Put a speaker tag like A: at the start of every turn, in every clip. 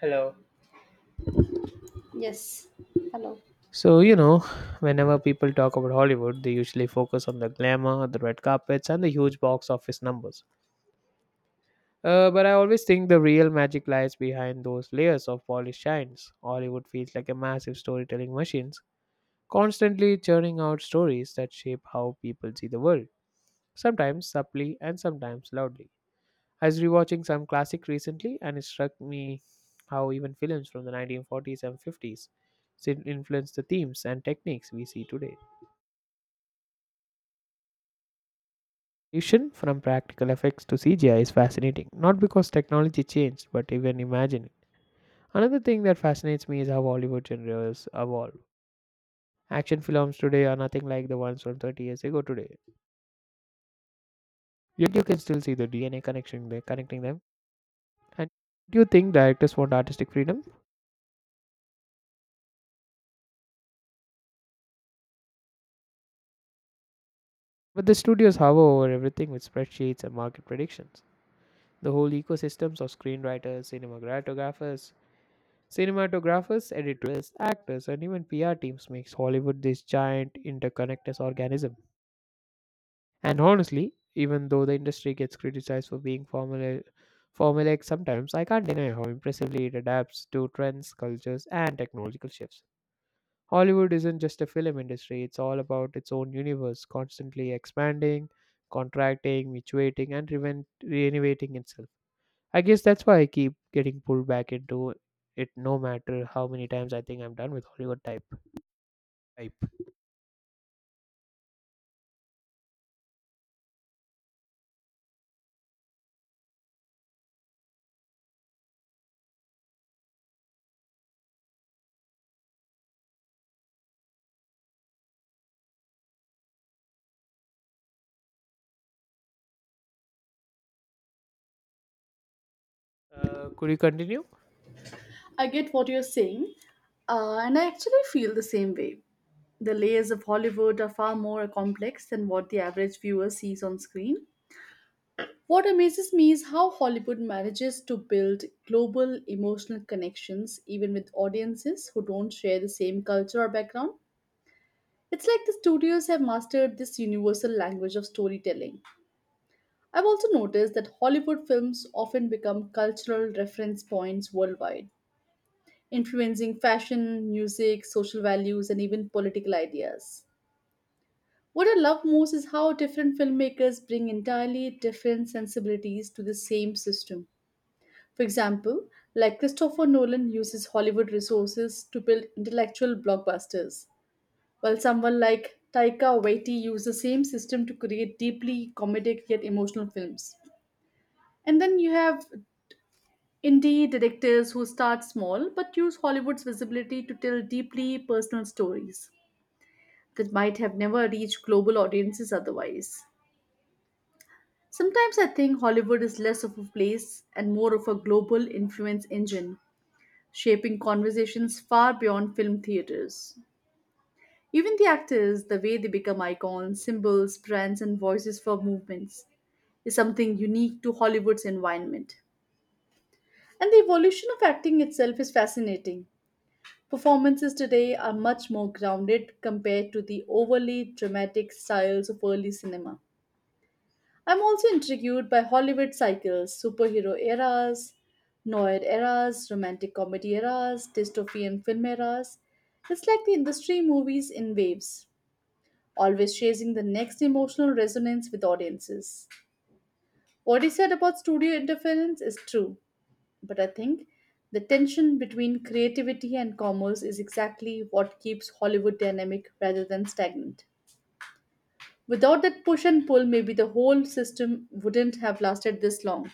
A: Hello.
B: Yes. Hello.
A: So, you know, whenever people talk about Hollywood, they usually focus on the glamour, the red carpets, and the huge box office numbers. But I always think the real magic lies behind those layers of polished shines. Hollywood feels like a massive storytelling machine, constantly churning out stories that shape how people see the world, sometimes subtly and sometimes loudly. I was rewatching some classic recently, and it struck me how even films from the 1940s and 50s still influence the themes and techniques we see today. Transition from practical effects to CGI is fascinating, not because technology changed, but even imagining. Another thing that fascinates me is how Hollywood genres evolve. Action films today are nothing like the ones from 30 years ago today. Yet you can still see the DNA connection there, connecting them. And do you think directors want artistic freedom? But the studios hover over everything with spreadsheets and market predictions. The whole ecosystems of screenwriters, cinematographers, editors, actors, and even PR teams makes Hollywood this giant interconnected organism. And honestly, even though the industry gets criticized for being formulaic sometimes, I can't deny how impressively it adapts to trends, cultures, and technological shifts. Hollywood isn't just a film industry, it's all about its own universe, constantly expanding, contracting, mutating, and renovating itself. I guess that's why I keep getting pulled back into it no matter how many times I think I'm done with Hollywood type. Could you continue?
B: I get what you're saying, and I actually feel the same way. The layers of Hollywood are far more complex than what the average viewer sees on screen. What amazes me is how Hollywood manages to build global emotional connections even with audiences who don't share the same culture or background. It's like the studios have mastered this universal language of storytelling. I've also noticed that Hollywood films often become cultural reference points worldwide, influencing fashion, music, social values, and even political ideas. What I love most is how different filmmakers bring entirely different sensibilities to the same system. For example, like Christopher Nolan uses Hollywood resources to build intellectual blockbusters, while someone like Taika Waititi uses the same system to create deeply comedic yet emotional films. And then you have indie directors who start small but use Hollywood's visibility to tell deeply personal stories that might have never reached global audiences otherwise. Sometimes I think Hollywood is less of a place and more of a global influence engine, shaping conversations far beyond film theaters. Even the actors, the way they become icons, symbols, brands, and voices for movements, is something unique to Hollywood's environment. And the evolution of acting itself is fascinating. Performances today are much more grounded compared to the overly dramatic styles of early cinema. I'm also intrigued by Hollywood cycles, superhero eras, noir eras, romantic comedy eras, dystopian film eras. It's like the industry movies in waves, always chasing the next emotional resonance with audiences. What he said about studio interference is true, but I think the tension between creativity and commerce is exactly what keeps Hollywood dynamic rather than stagnant. Without that push and pull, maybe the whole system wouldn't have lasted this long.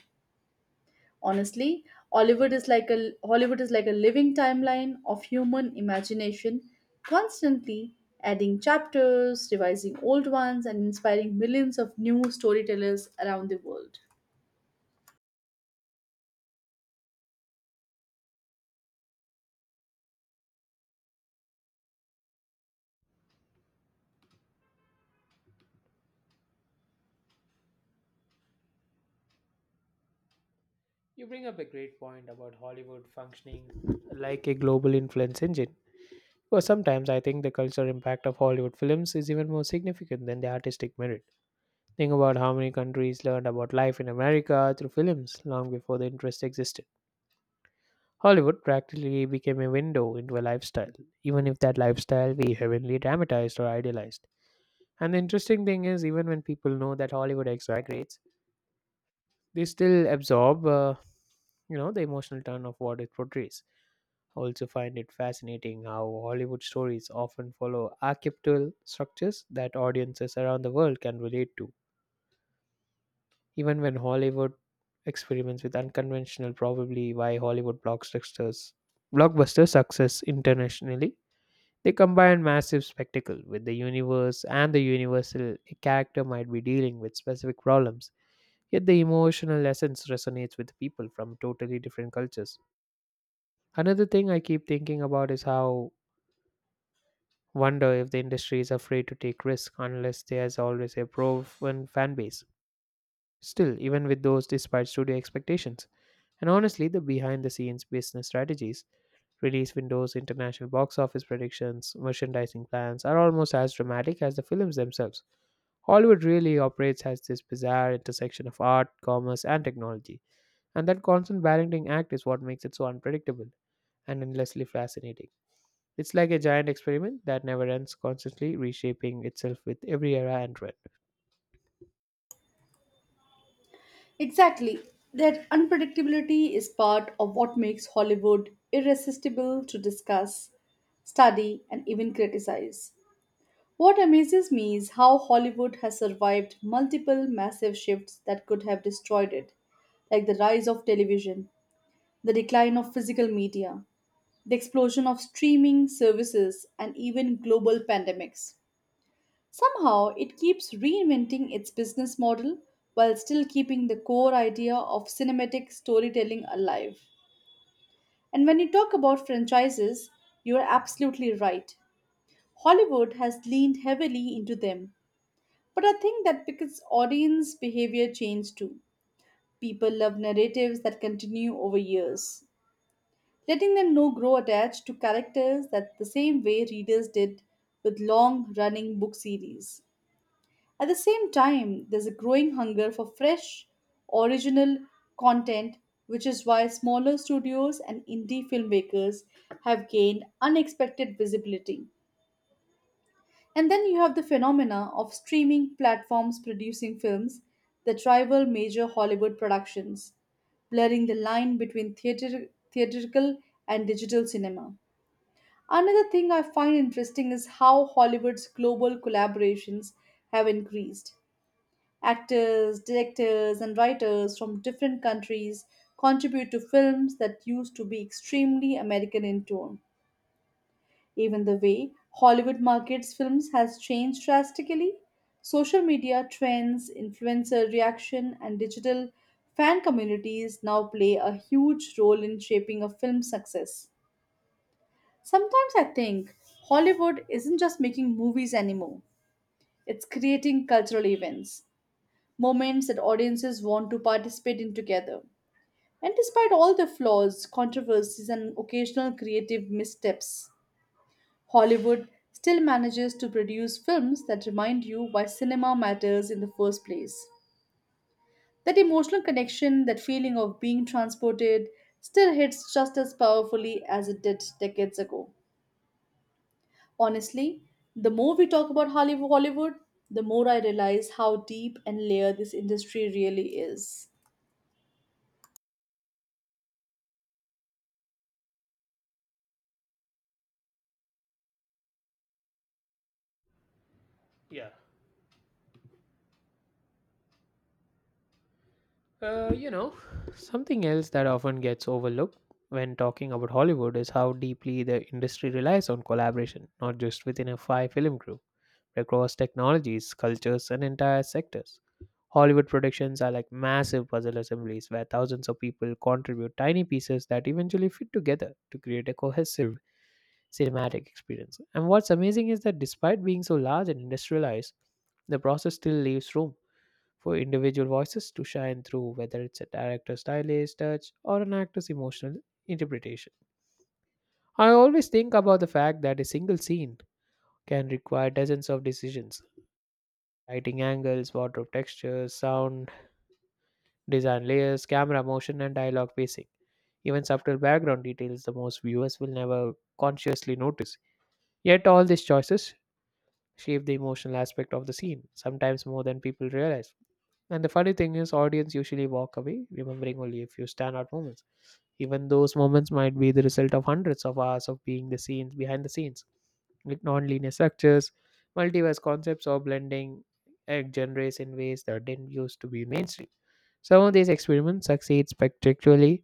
B: Honestly, Hollywood is like a Hollywood is like a living timeline of human imagination, constantly adding chapters, revising old ones, and inspiring millions of new storytellers around the world.
A: You bring up a great point about Hollywood functioning like a global influence engine. Because sometimes I think the cultural impact of Hollywood films is even more significant than the artistic merit. Think about how many countries learned about life in America through films long before the interest existed. Hollywood practically became a window into a lifestyle, even if that lifestyle we heavily dramatized or idealized. And the interesting thing is, even when people know that Hollywood exaggerates, they still absorb, you know, the emotional turn of what it portrays. Also find it fascinating how Hollywood stories often follow archetypal structures that audiences around the world can relate to. Even when Hollywood experiments with unconventional, probably why Hollywood blockbuster success internationally, they combine massive spectacle with the universe and the universal a character might be dealing with specific problems. Yet the emotional essence resonates with people from totally different cultures. Another thing I keep thinking about is how Wonder if the industry is afraid to take risks unless there's always a proven fan base. Still, even with those despite studio expectations. And honestly, the behind the scenes business strategies, release windows, international box office predictions, merchandising plans are almost as dramatic as the films themselves. Hollywood really operates as this bizarre intersection of art, commerce, and technology. And that constant balancing act is what makes it so unpredictable and endlessly fascinating. It's like a giant experiment that never ends, constantly reshaping itself with every era and trend.
B: Exactly. That unpredictability is part of what makes Hollywood irresistible to discuss, study, and even criticize. What amazes me is how Hollywood has survived multiple massive shifts that could have destroyed it, like the rise of television, the decline of physical media, the explosion of streaming services, and even global pandemics. Somehow, it keeps reinventing its business model while still keeping the core idea of cinematic storytelling alive. And when you talk about franchises, you are absolutely right. Hollywood has leaned heavily into them, but I think that because audience behavior changed too. People love narratives that continue over years, letting them know grow attached to characters that the same way readers did with long running book series. At the same time, there's a growing hunger for fresh, original content, which is why smaller studios and indie filmmakers have gained unexpected visibility. And then you have the phenomena of streaming platforms producing films that rival major Hollywood productions, blurring the line between theatrical and digital cinema. Another thing I find interesting is how Hollywood's global collaborations have increased. Actors, directors, and writers from different countries contribute to films that used to be extremely American in tone. Even the way Hollywood markets films has changed drastically. Social media trends, influencer reaction, and digital fan communities now play a huge role in shaping a film's success. Sometimes I think Hollywood isn't just making movies anymore, it's creating cultural events, moments that audiences want to participate in together. And despite all the flaws, controversies, and occasional creative missteps, Hollywood still manages to produce films that remind you why cinema matters in the first place. That emotional connection, that feeling of being transported, still hits just as powerfully as it did decades ago. Honestly, the more we talk about Hollywood, the more I realize how deep and layered this industry really is.
A: Yeah. You know, something else that often gets overlooked when talking about Hollywood is how deeply the industry relies on collaboration, not just within a five film crew, across technologies, cultures, and entire sectors. Hollywood productions are like massive puzzle assemblies where thousands of people contribute tiny pieces that eventually fit together to create a cohesive cinematic experience. And what's amazing is that despite being so large and industrialized, the process still leaves room for individual voices to shine through, whether it's a director's stylized touch or an actor's emotional interpretation. I always think about the fact that a single scene can require dozens of decisions lighting angles, wardrobe textures, sound design layers, camera motion, and dialogue pacing. Even subtle background details the most viewers will never consciously notice. Yet, all these choices shape the emotional aspect of the scene, sometimes more than people realize. And the funny thing is, audience usually walk away remembering only a few standout moments even those moments might be the result of hundreds of hours of being the scenes behind the scenes with non-linear structures, multiverse concepts, or blending genres in ways that didn't used to be mainstream. Some of these experiments succeed spectacularly,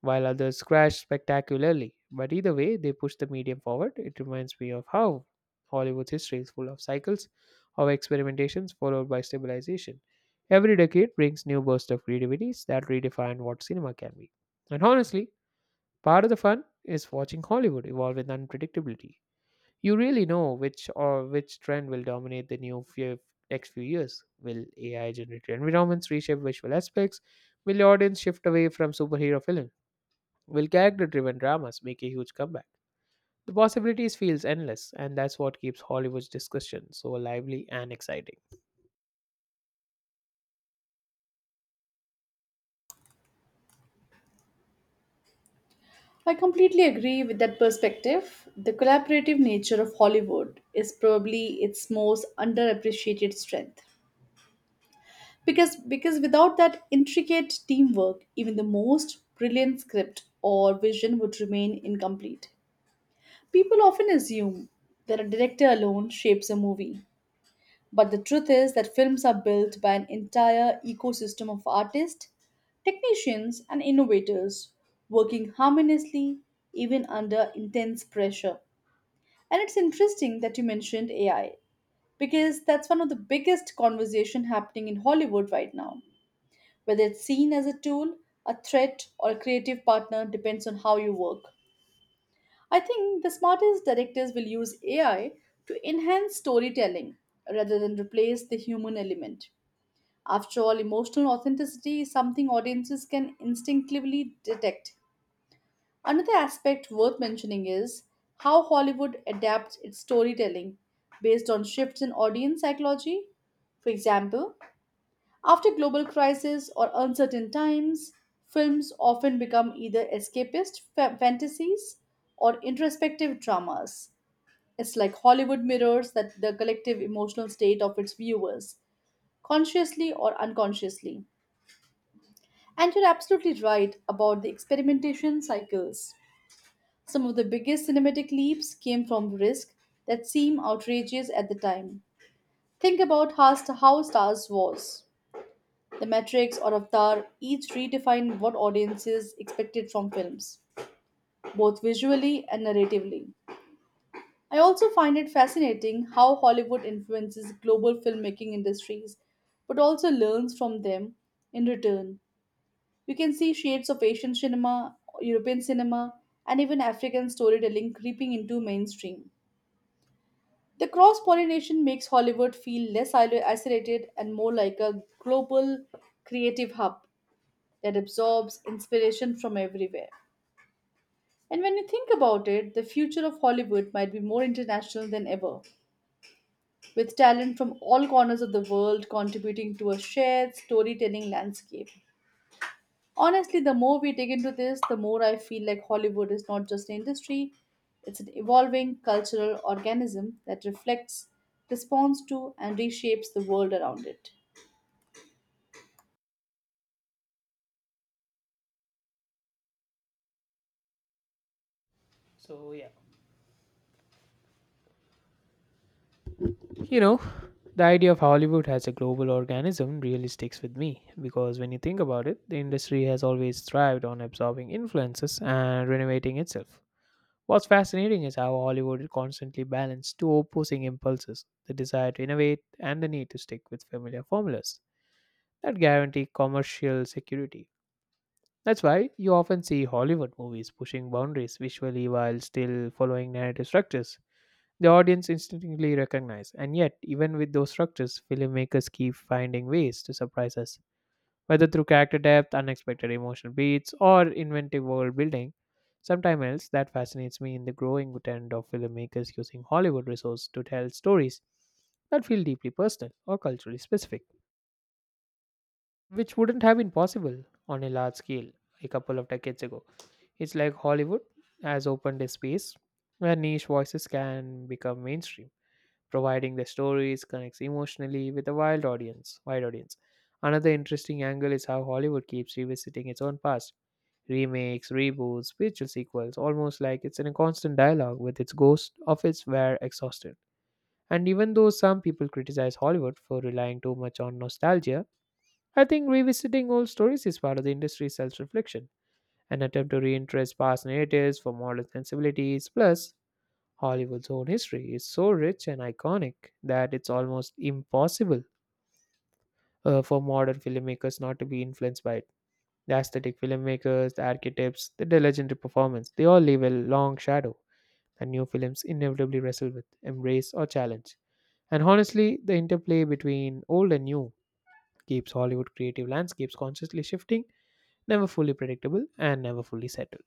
A: while others crash spectacularly. But either way, they push the medium forward. It reminds me of how Hollywood's history is full of cycles of experimentations followed by stabilization. Every decade brings new bursts of creativities that redefine what cinema can be. And honestly, part of the fun is watching Hollywood evolve with unpredictability. You really know which or which trend will dominate the next few years. Will AI generated environments reshape visual aspects? Will the audience shift away from superhero films? Will character driven dramas make a huge comeback? The possibilities feels endless, and that's what keeps Hollywood's discussion so lively and exciting.
B: I completely agree with that perspective. The collaborative nature of Hollywood is probably its most underappreciated strength, because without that intricate teamwork, even the most brilliant script or vision would remain incomplete. People often assume that a director alone shapes a movie, but the truth is that films are built by an entire ecosystem of artists, technicians, and innovators working harmoniously even under intense pressure. And it's interesting that you mentioned AI, because that's one of the biggest conversation happening in Hollywood right now. Whether it's seen as a tool, a threat, or a creative partner depends on how you work. I think the smartest directors will use AI to enhance storytelling rather than replace the human element. After all, emotional authenticity is something audiences can instinctively detect. Another aspect worth mentioning is how Hollywood adapts its storytelling based on shifts in audience psychology. For example, after global crisis or uncertain times, films often become either escapist fantasies or introspective dramas. It's like Hollywood mirrors that the collective emotional state of its viewers, consciously or unconsciously. And you're absolutely right about the experimentation cycles. Some of the biggest cinematic leaps came from risks that seem outrageous at the time. Think about how Stars was. The Matrix or Avatar each redefined what audiences expected from films, both visually and narratively. I also find it fascinating how Hollywood influences global filmmaking industries but also learns from them in return. You can see shades of Asian cinema, European cinema, and even African storytelling creeping into mainstream. The cross pollination makes Hollywood feel less isolated and more like a global creative hub that absorbs inspiration from everywhere. And when you think about it, the future of Hollywood might be more international than ever, with talent from all corners of the world contributing to a shared storytelling landscape. Honestly, the more we dig into this, the more I feel like Hollywood is not just an industry, it's an evolving cultural organism that reflects, responds to, and reshapes the world around it.
A: So, you know, the idea of Hollywood as a global organism really sticks with me because when you think about it, the industry has always thrived on absorbing influences and renovating itself. What's fascinating is how Hollywood constantly balances two opposing impulses the desire to innovate and the need to stick with familiar formulas that guarantee commercial security. That's why you often see Hollywood movies pushing boundaries visually while still following narrative structures. The audience instinctively recognize, and yet, even with those structures, filmmakers keep finding ways to surprise us whether through character depth, unexpected emotional beats, or inventive world building, sometime else that fascinates me in the growing trend of filmmakers using Hollywood resources to tell stories that feel deeply personal or culturally specific, which wouldn't have been possible on a large scale a couple of decades ago. It's like Hollywood has opened a space where niche voices can become mainstream providing the stories connects emotionally with a wide audience. Another interesting angle is how Hollywood keeps revisiting its own past. Remakes, reboots, spiritual sequels, almost like it's in a constant dialogue with its ghost of its were exhausted. And even though some people criticize Hollywood for relying too much on nostalgia, I think revisiting old stories is part of the industry's self reflection, an attempt to reinterest past narratives for modern sensibilities. Plus, Hollywood's own history is so rich and iconic that it's almost impossible for modern filmmakers not to be influenced by it. The aesthetic filmmakers, the archetypes, the legendary performance, they all leave a long shadow that new films inevitably wrestle with, embrace, or challenge. And honestly, the interplay between old and new keeps Hollywood creative landscapes constantly shifting, never fully predictable, and never fully settled.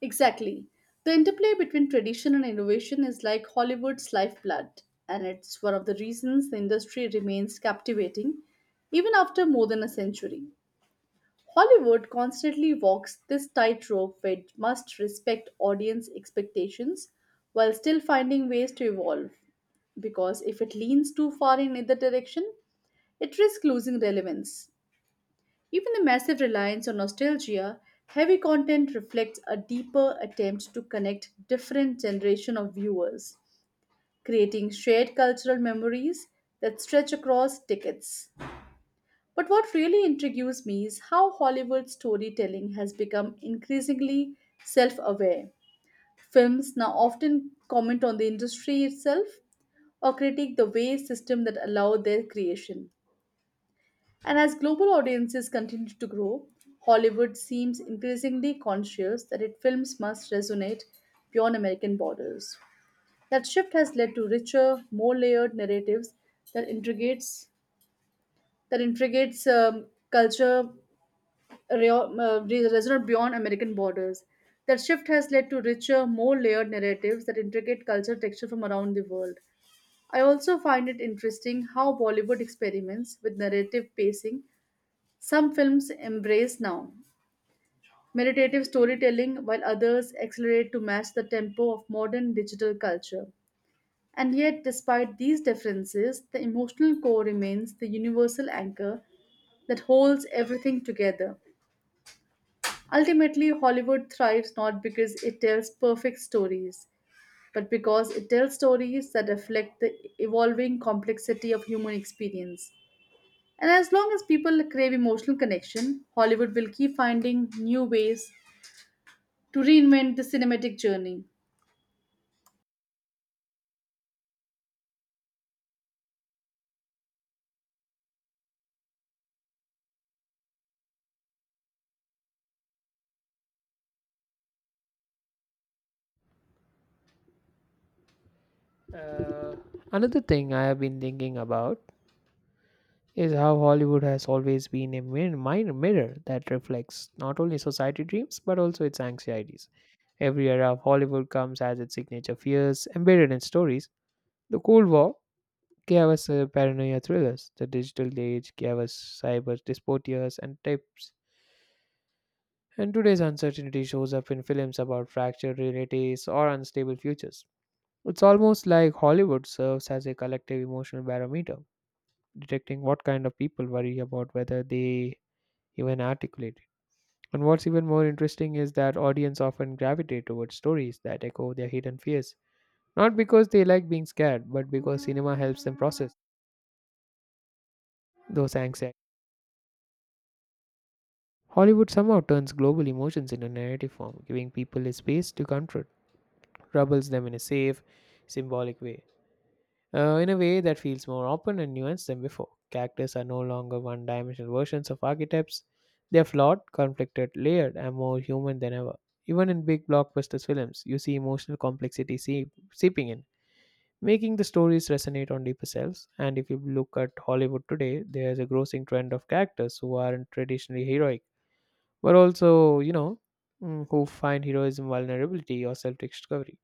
B: Exactly. The interplay between tradition and innovation is like Hollywood's lifeblood, and it's one of the reasons the industry remains captivating even after more than a century. Hollywood constantly walks this tightrope where it must respect audience expectations while still finding ways to evolve, because if it leans too far in either direction, it risks losing relevance. Even the massive reliance on nostalgia, heavy content reflects a deeper attempt to connect different generation of viewers, creating shared cultural memories that stretch across decades. But what really intrigues me is how Hollywood storytelling has become increasingly self-aware. Films now often comment on the industry itself or critique the way system that allow their creation. And as global audiences continue to grow, Hollywood seems increasingly conscious that its films must resonate beyond American borders. That shift has led to richer, more layered narratives that integrates that integrates culture re- re- resonant beyond American borders. That shift has led to richer, more layered narratives that integrate culture texture from around the world. I also find it interesting how Bollywood experiments with narrative pacing. Some films embrace now meditative storytelling, while others accelerate to match the tempo of modern digital culture. And yet, despite these differences, the emotional core remains the universal anchor that holds everything together. Ultimately, Hollywood thrives not because it tells perfect stories, but because it tells stories that reflect the evolving complexity of human experience. And as long as people crave emotional connection, Hollywood will keep finding new ways to reinvent the cinematic journey.
A: Uh, another thing I have been thinking about is how Hollywood has always been a minor mirror that reflects not only society dreams but also its anxieties. Every era of Hollywood comes as its signature fears embedded in stories. The Cold War gave us paranoia thrillers. The digital age gave us cyber dystopias and tips. And today's uncertainty shows up in films about fractured realities or unstable futures. It's almost like Hollywood serves as a collective emotional barometer, detecting what kind of people worry about whether they even articulate. And what's even more interesting is that audience often gravitate towards stories that echo their hidden fears, not because they like being scared, but because cinema helps them process those anxieties. Hollywood somehow turns global emotions into narrative form, giving people a space to confront, troubles them in a safe, symbolic way. In a way that feels more open and nuanced than before. Characters are no longer one dimensional versions of archetypes, they are flawed, conflicted, layered, and more human than ever. Even in big blockbuster films, you see emotional complexity seeping in, making the stories resonate on deeper selves. And if you look at Hollywood today, there's a grossing trend of characters who aren't traditionally heroic, but also, you know, who find heroism vulnerability or self discovery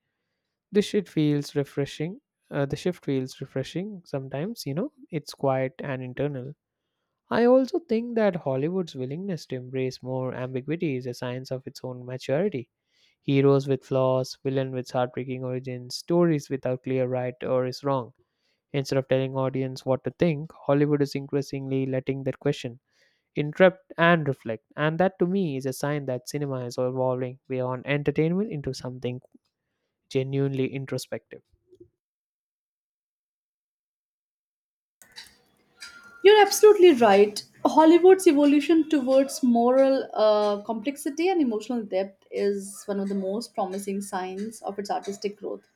A: this shit feels refreshing the shift feels refreshing sometimes you know it's quiet and internal. I also think that Hollywood's willingness to embrace more ambiguity is a sign of its own maturity, heroes with flaws villain with heartbreaking origins stories without clear right or is wrong. Instead of telling audience what to think Hollywood is increasingly letting that question interrupt and reflect, and that to me is a sign that cinema is evolving beyond entertainment into something genuinely introspective.
B: You're absolutely right. Hollywood's evolution towards moral complexity and emotional depth is one of the most promising signs of its artistic growth.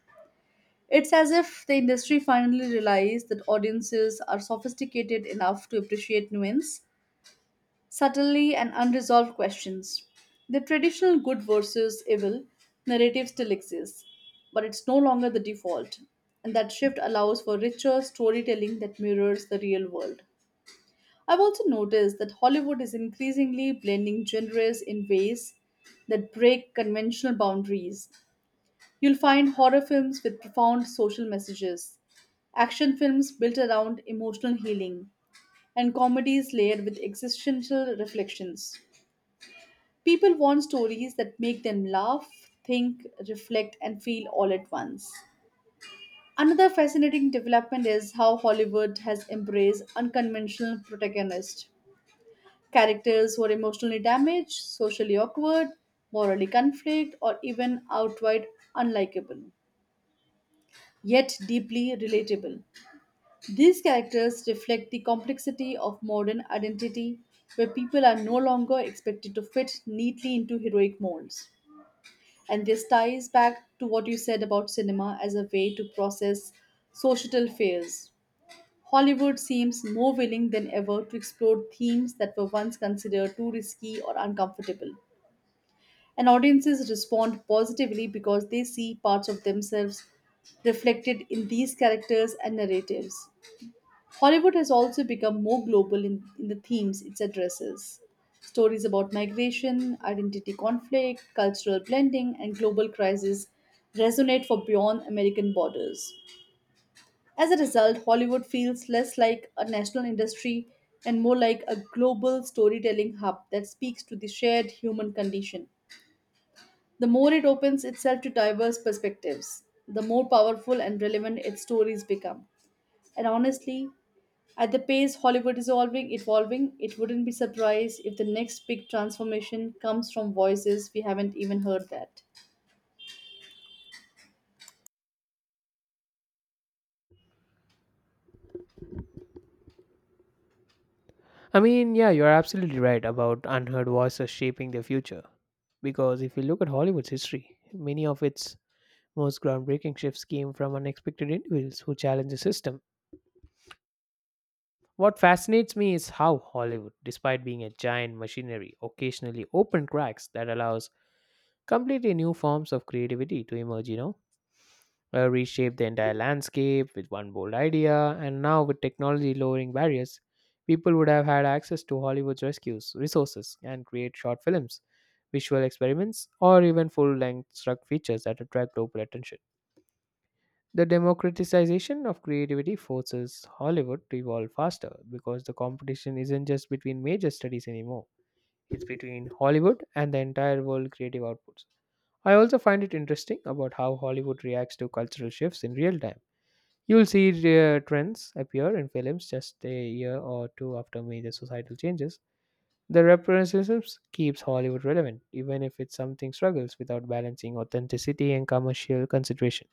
B: It's as if the industry finally realized that audiences are sophisticated enough to appreciate nuance, subtly, and unresolved questions. The traditional good versus evil narrative still exists, but it's no longer the default, and that shift allows for richer storytelling that mirrors the real world. I've also noticed that Hollywood is increasingly blending genres in ways that break conventional boundaries. You'll find horror films with profound social messages, action films built around emotional healing, and comedies layered with existential reflections. People want stories that make them laugh, think, reflect, and feel all at once. Another fascinating development is how Hollywood has embraced unconventional protagonists, characters who are emotionally damaged, socially awkward, morally conflict, or even outright unlikable, yet deeply relatable. These characters reflect the complexity of modern identity, where people are no longer expected to fit neatly into heroic molds. And this ties back to what you said about cinema as a way to process societal fears. Hollywood seems more willing than ever to explore themes that were once considered too risky or uncomfortable. And audiences respond positively because they see parts of themselves reflected in these characters and narratives. Hollywood has also become more global in the themes it addresses. Stories about migration, identity conflict, cultural blending, and global crises resonate for beyond American borders. As a result, Hollywood feels less like a national industry and more like a global storytelling hub that speaks to the shared human condition. The more it opens itself to diverse perspectives, the more powerful and relevant its stories become. And honestly, at the pace Hollywood is evolving, it wouldn't be surprised if the next big transformation comes from voices we haven't even heard that.
A: I mean, yeah, you're absolutely right about unheard voices shaping their future. Because if you look at Hollywood's history, many of its most groundbreaking shifts came from unexpected individuals who challenged the system. What fascinates me is how Hollywood, despite being a giant machinery, occasionally opened cracks that allows completely new forms of creativity to emerge, you know? Reshape the entire landscape with one bold idea. And now, with technology lowering barriers, people would have had access to Hollywood's rescues, resources, and create short films, visual experiments, or even full length struck features that attract global attention. The democratization of creativity forces Hollywood to evolve faster because the competition isn't just between major studies anymore. It's between Hollywood and the entire world creative outputs. I also find it interesting about how Hollywood reacts to cultural shifts in real time. You'll see trends appear in films just a year or two after major societal changes. The representative keeps Hollywood relevant, even if it's something struggles without balancing authenticity and commercial consideration.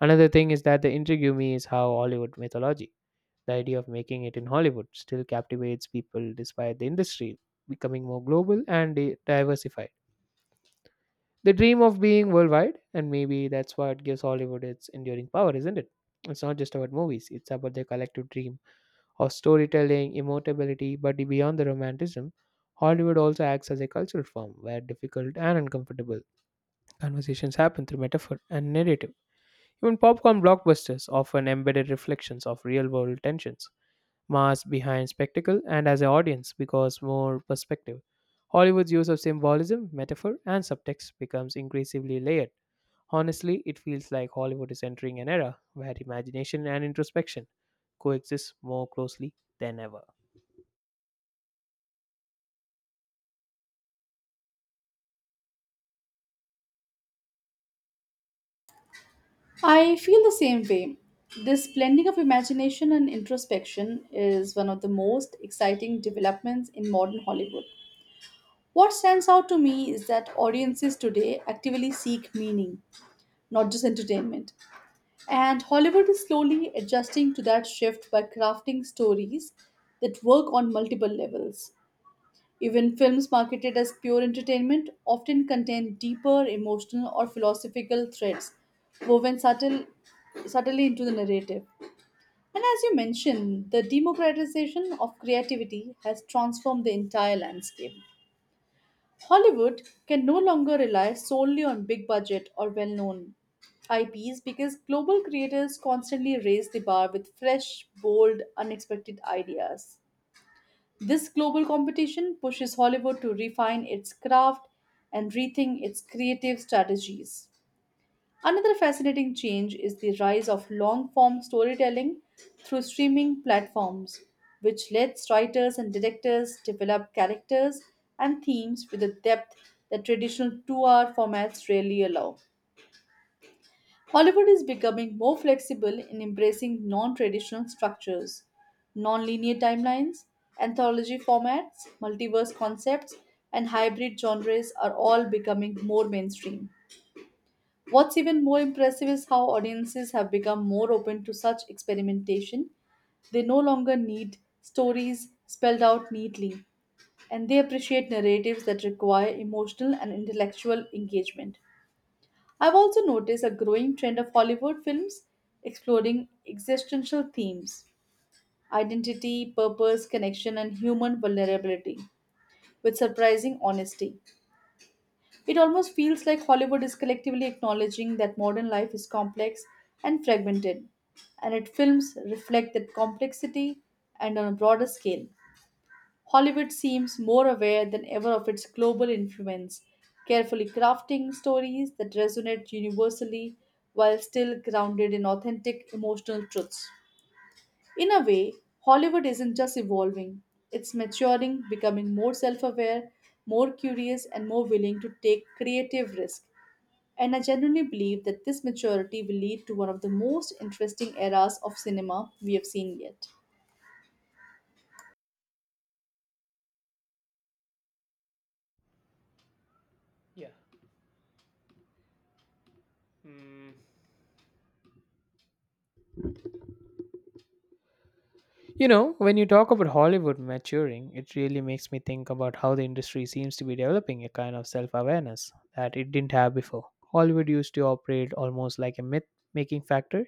A: Another thing is that the intrigue me is how Hollywood mythology, the idea of making it in Hollywood, still captivates people despite the industry becoming more global and diversified. The dream of being worldwide, and maybe that's what gives Hollywood its enduring power, isn't it? It's not just about movies, it's about the collective dream of storytelling, immortality, but beyond the romanticism, Hollywood also acts as a cultural form where difficult and uncomfortable conversations happen through metaphor and narrative. Even popcorn blockbusters often embedded reflections of real world tensions, masked behind spectacle and as an audience because more perspective. Hollywood's use of symbolism, metaphor, and subtext becomes increasingly layered. Honestly, it feels like Hollywood is entering an era where imagination and introspection coexist more closely than ever.
B: I feel the same way. This blending of imagination and introspection is one of the most exciting developments in modern Hollywood. What stands out to me is that audiences today actively seek meaning, not just entertainment. And Hollywood is slowly adjusting to that shift by crafting stories that work on multiple levels. Even films marketed as pure entertainment often contain deeper emotional or philosophical threads woven subtly into the narrative. And as you mentioned, the democratization of creativity has transformed the entire landscape. Hollywood can no longer rely solely on big budget or well known IPs because global creators constantly raise the bar with fresh, bold, unexpected ideas. This global competition pushes Hollywood to refine its craft and rethink its creative strategies. Another fascinating change is the rise of long form storytelling through streaming platforms, which lets writers and directors develop characters and themes with a depth that traditional 2-hour formats rarely allow. Hollywood is becoming more flexible in embracing non traditional structures, non linear timelines, anthology formats, multiverse concepts, and hybrid genres are all becoming more mainstream. What's even more impressive is how audiences have become more open to such experimentation. They no longer need stories spelled out neatly, and they appreciate narratives that require emotional and intellectual engagement. I've also noticed a growing trend of Hollywood films exploring existential themes: identity, purpose, connection, and human vulnerability with surprising honesty. It almost feels like Hollywood is collectively acknowledging that modern life is complex and fragmented, and its films reflect that complexity and on a broader scale. Hollywood seems more aware than ever of its global influence, carefully crafting stories that resonate universally while still grounded in authentic emotional truths. In a way, Hollywood isn't just evolving, it's maturing, becoming more self aware, more curious, and more willing to take creative risk, and I genuinely believe that this maturity will lead to one of the most interesting eras of cinema we have seen yet.
A: You know, when you talk about Hollywood maturing, it really makes me think about how the industry seems to be developing a kind of self awareness that it didn't have before. Hollywood used to operate almost like a myth making factor,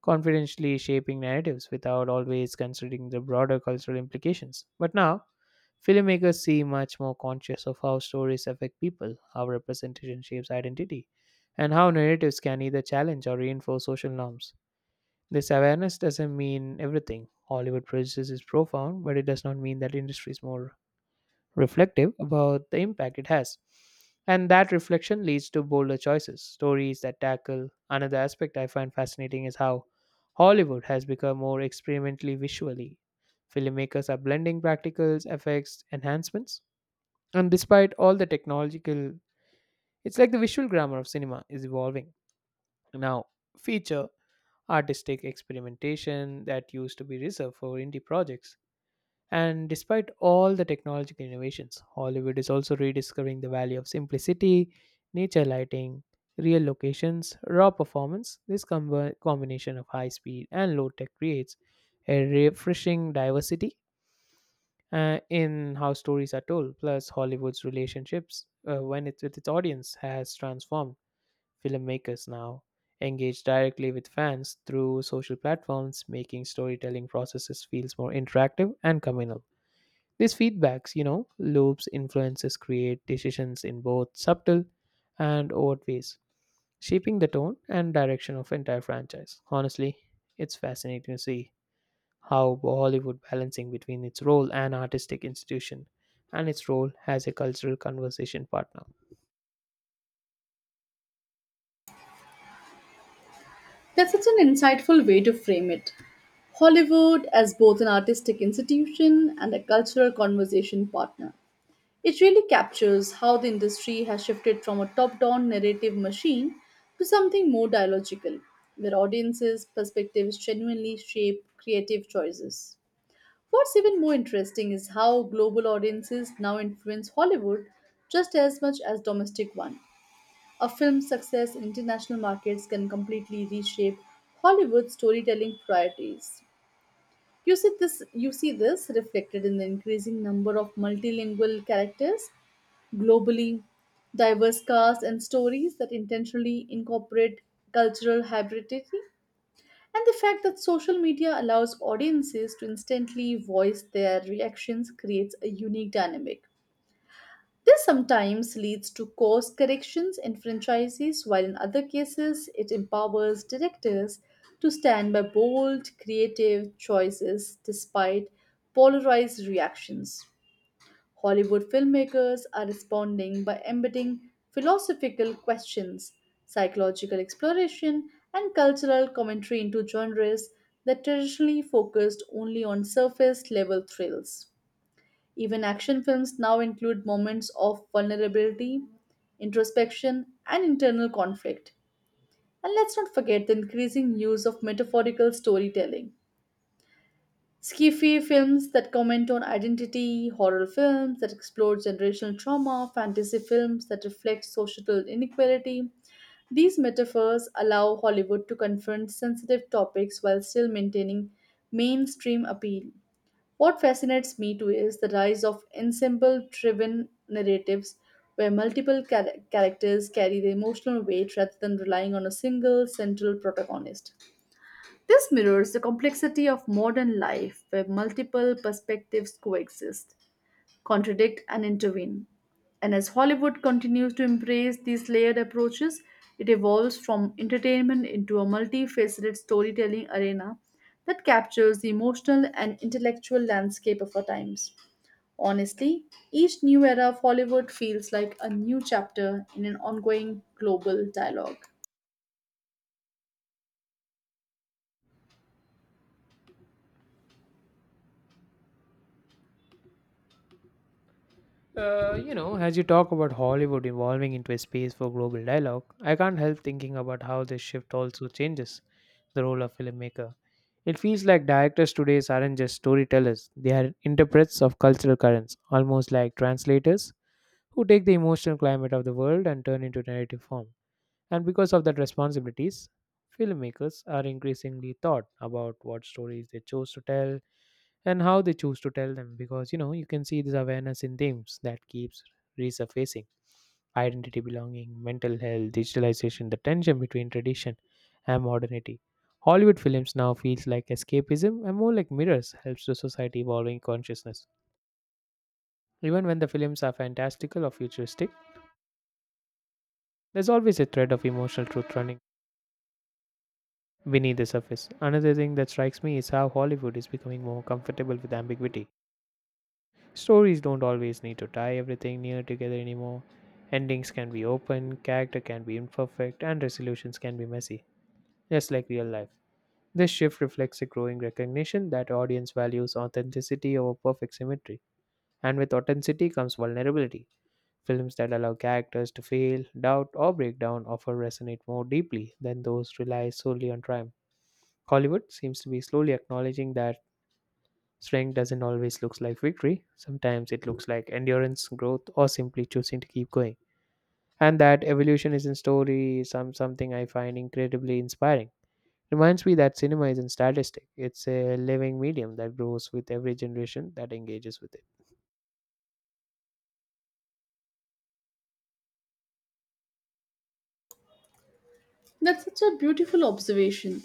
A: confidentially shaping narratives without always considering the broader cultural implications. But now, filmmakers seem much more conscious of how stories affect people, how representation shapes identity, and how narratives can either challenge or reinforce social norms. This awareness doesn't mean everything. Hollywood prejudice is profound, but it does not mean that industry is more reflective about the impact it has. And that reflection leads to bolder choices, stories that tackle. Another aspect I find fascinating is how Hollywood has become more experimentally visually. Filmmakers are blending practicals, effects, enhancements. And despite all the technological, it's like the visual grammar of cinema is evolving. Now, feature artistic experimentation that used to be reserved for indie projects. And despite all the technological innovations, Hollywood is also rediscovering the value of simplicity, nature lighting, real locations, raw performance. This combination of high speed and low tech creates a refreshing diversity in how stories are told. Plus, Hollywood's relationships when it's with its audience has transformed filmmakers now engage directly with fans through social platforms, making storytelling processes feels more interactive and communal. These feedbacks, loops influences create decisions in both subtle and overt ways, shaping the tone and direction of entire franchise. Honestly, it's fascinating to see how Hollywood balancing between its role an artistic institution and its role as a cultural conversation partner.
B: That's such an insightful way to frame it. Hollywood as both an artistic institution and a cultural conversation partner. It really captures how the industry has shifted from a top down narrative machine to something more dialogical, where audiences' perspectives genuinely shape creative choices. What's even more interesting is how global audiences now influence Hollywood just as much as domestic one. A film's success in international markets can completely reshape Hollywood's storytelling priorities. You see this reflected in the increasing number of multilingual characters globally, diverse casts and stories that intentionally incorporate cultural hybridity. And the fact that social media allows audiences to instantly voice their reactions creates a unique dynamic. This sometimes leads to course corrections in franchises, while in other cases, it empowers directors to stand by bold, creative choices despite polarized reactions. Hollywood filmmakers are responding by embedding philosophical questions, psychological exploration, and cultural commentary into genres that traditionally focused only on surface level thrills. Even action films now include moments of vulnerability, introspection, and internal conflict. And let's not forget the increasing use of metaphorical storytelling: Sci-fi films that comment on identity, horror films that explore generational trauma, fantasy films that reflect social inequality. These metaphors allow Hollywood to confront sensitive topics while still maintaining mainstream appeal. What fascinates me too is the rise of ensemble driven narratives where characters carry the emotional weight rather than relying on a single central protagonist. This mirrors the complexity of modern life where multiple perspectives coexist, contradict, and intervene. And as Hollywood continues to embrace these layered approaches, it evolves from entertainment into a multifaceted storytelling arena that captures the emotional and intellectual landscape of our times. Honestly, each new era of Hollywood feels like a new chapter in an ongoing global dialogue.
A: You know, as you talk about Hollywood evolving into a space for global dialogue, I can't help thinking about how this shift also changes the role of filmmaker. It feels like directors today aren't just storytellers, they are interprets of cultural currents, almost like translators who take the emotional climate of the world and turn into narrative form. And because of that responsibilities, filmmakers are increasingly thought about what stories they chose to tell, and how they choose to tell them, because you know you can see this awareness in themes that keeps resurfacing, identity, belonging, mental health, digitalization, the tension between tradition and modernity. Hollywood films now feels like escapism and more like mirrors helps the society evolving consciousness. Even when the films are fantastical or futuristic, there's always a thread of emotional truth running beneath the surface. Another thing that strikes me is how Hollywood is becoming more comfortable with ambiguity. Stories don't always need to tie everything near together anymore. Endings can be open, character can be imperfect, and resolutions can be messy, just like real life. This shift reflects a growing recognition that audience values authenticity over perfect symmetry. And with authenticity comes vulnerability. Films that allow characters to fail, doubt, or break down often resonate more deeply than those rely solely on triumph. Hollywood seems to be slowly acknowledging that strength doesn't always look like victory. Sometimes it looks like endurance, growth, or simply choosing to keep going. And that evolution is in story, something I find incredibly inspiring. Reminds me that cinema isn't statistic. It's a living medium that grows with every generation that engages with it.
B: That's such a beautiful observation.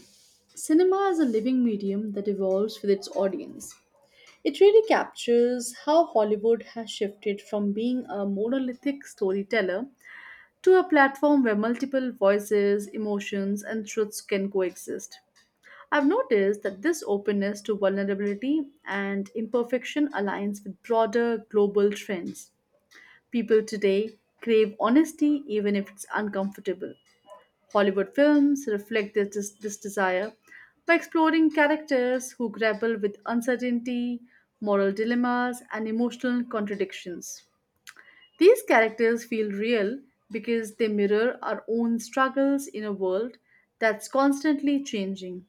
B: Cinema is a living medium that evolves with its audience. It really captures how Hollywood has shifted from being a monolithic storyteller to a platform where multiple voices, emotions, and truths can coexist. I've noticed that this openness to vulnerability and imperfection aligns with broader global trends. People today crave honesty even if it's uncomfortable. Hollywood films reflect this desire by exploring characters who grapple with uncertainty, moral dilemmas, and emotional contradictions. These characters feel real because they mirror our own struggles in a world that's constantly changing.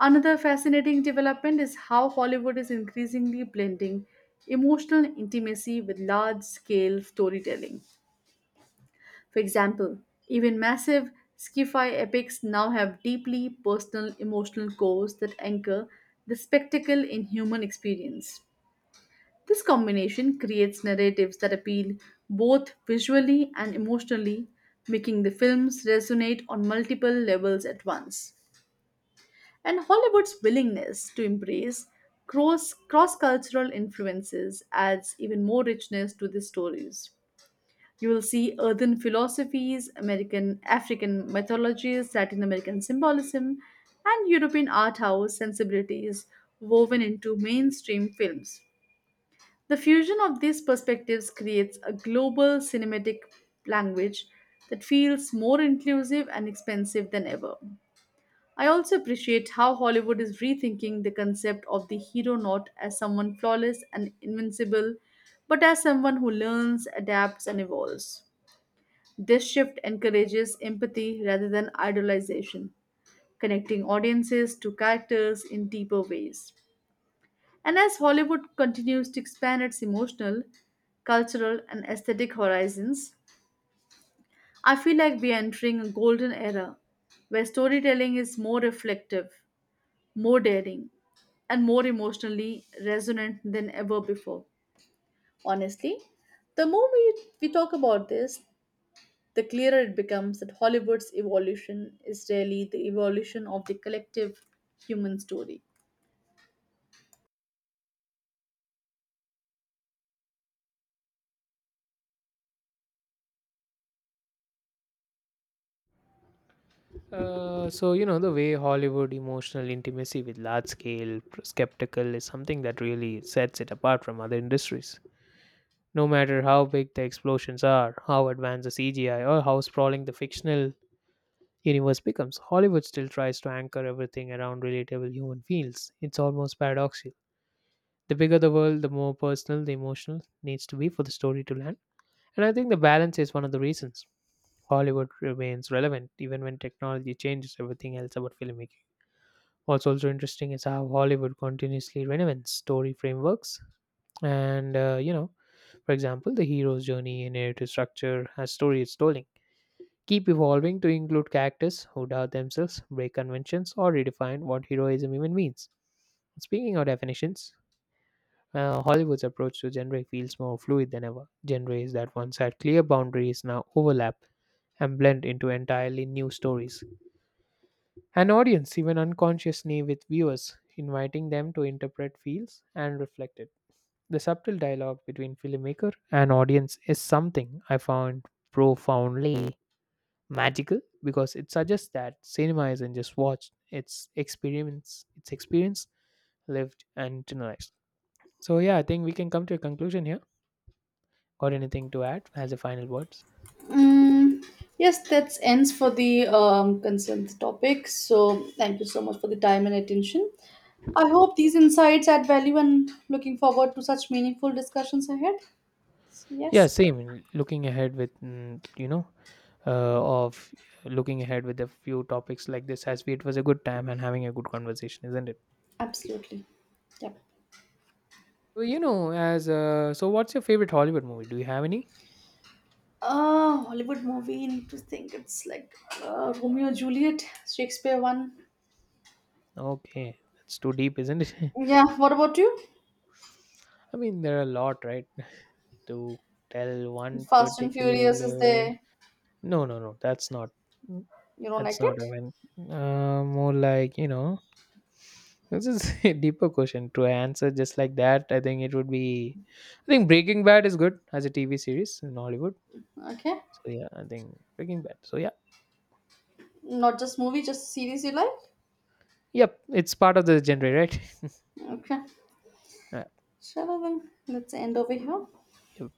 B: Another fascinating development is how Hollywood is increasingly blending emotional intimacy with large scale storytelling. For example, even massive sci-fi epics now have deeply personal emotional cores that anchor the spectacle in human experience. This combination creates narratives that appeal both visually and emotionally, making the films resonate on multiple levels at once. And Hollywood's willingness to embrace cross cultural influences adds even more richness to the stories. You will see earthen philosophies, American African mythologies, Latin American symbolism, and European art house sensibilities woven into mainstream films. The fusion of these perspectives creates a global cinematic language that feels more inclusive and expansive than ever. I also appreciate how Hollywood is rethinking the concept of the hero, not as someone flawless and invincible, but as someone who learns, adapts, and evolves. This shift encourages empathy rather than idolization, connecting audiences to characters in deeper ways. And as Hollywood continues to expand its emotional, cultural, and aesthetic horizons, I feel like we are entering a golden era where storytelling is more reflective, more daring, and more emotionally resonant than ever before. Honestly, the more we talk about this, the clearer it becomes that Hollywood's evolution is really the evolution of the collective human story.
A: So you know the way Hollywood emotional intimacy with large scale skeptical is something that really sets it apart from other industries. No matter how big the explosions are, how advanced the CGI, or how sprawling the fictional universe becomes, Hollywood still tries to anchor everything around relatable human feels. It's almost paradoxical. The bigger the world, the more personal the emotional needs to be for the story to land. And I think the balance is one of the reasons Hollywood remains relevant even when technology changes everything else about filmmaking. What's also interesting is how Hollywood continuously renovates story frameworks. And, for example, the hero's journey, in narrative structure, as storytelling keep evolving to include characters who doubt themselves, break conventions, or redefine what heroism even means. Speaking of definitions, Hollywood's approach to genre feels more fluid than ever. Genres that once had clear boundaries now overlap and blend into entirely new stories. An audience even unconsciously with viewers, inviting them to interpret feels and reflect it. The subtle dialogue between filmmaker and audience is something I found profoundly magical because it suggests that cinema isn't just watched, it's experience lived and internalized. So yeah, I think we can come to a conclusion here. Got anything to add as a final words?
B: Mm, yes, that ends for the concerned topic. So thank you so much for the time and attention. I hope these insights add value and looking forward to such meaningful discussions ahead. So,
A: Yeah,
B: yes,
A: same. Looking ahead with, mm, you know, uh, of looking ahead with a few topics like this has been. It was a good time and having a good conversation, isn't it?
B: absolutely. Yep.
A: Well, you know, what's your favorite Hollywood movie? Do you have any?
B: Hollywood movie, need to think it's like Romeo and Juliet, Shakespeare one.
A: Okay, that's too deep, isn't it?
B: Yeah, what about you?
A: I mean, there are a lot, right? To tell one
B: Fast and Furious is
A: particular.
B: there.
A: No, no, no. That's not.
B: You don't
A: That's
B: like
A: not.
B: it?
A: I mean, more like you know. This is a deeper question to answer just like that. I think it would be. I think Breaking Bad is good as a TV series in Hollywood.
B: Okay.
A: So yeah, I think Breaking Bad. So yeah,
B: Not just movie, just series you like?
A: yep, it's part of the genre, right?
B: Okay.
A: Yeah.
B: Shall I then? Let's end over here.
A: Yep.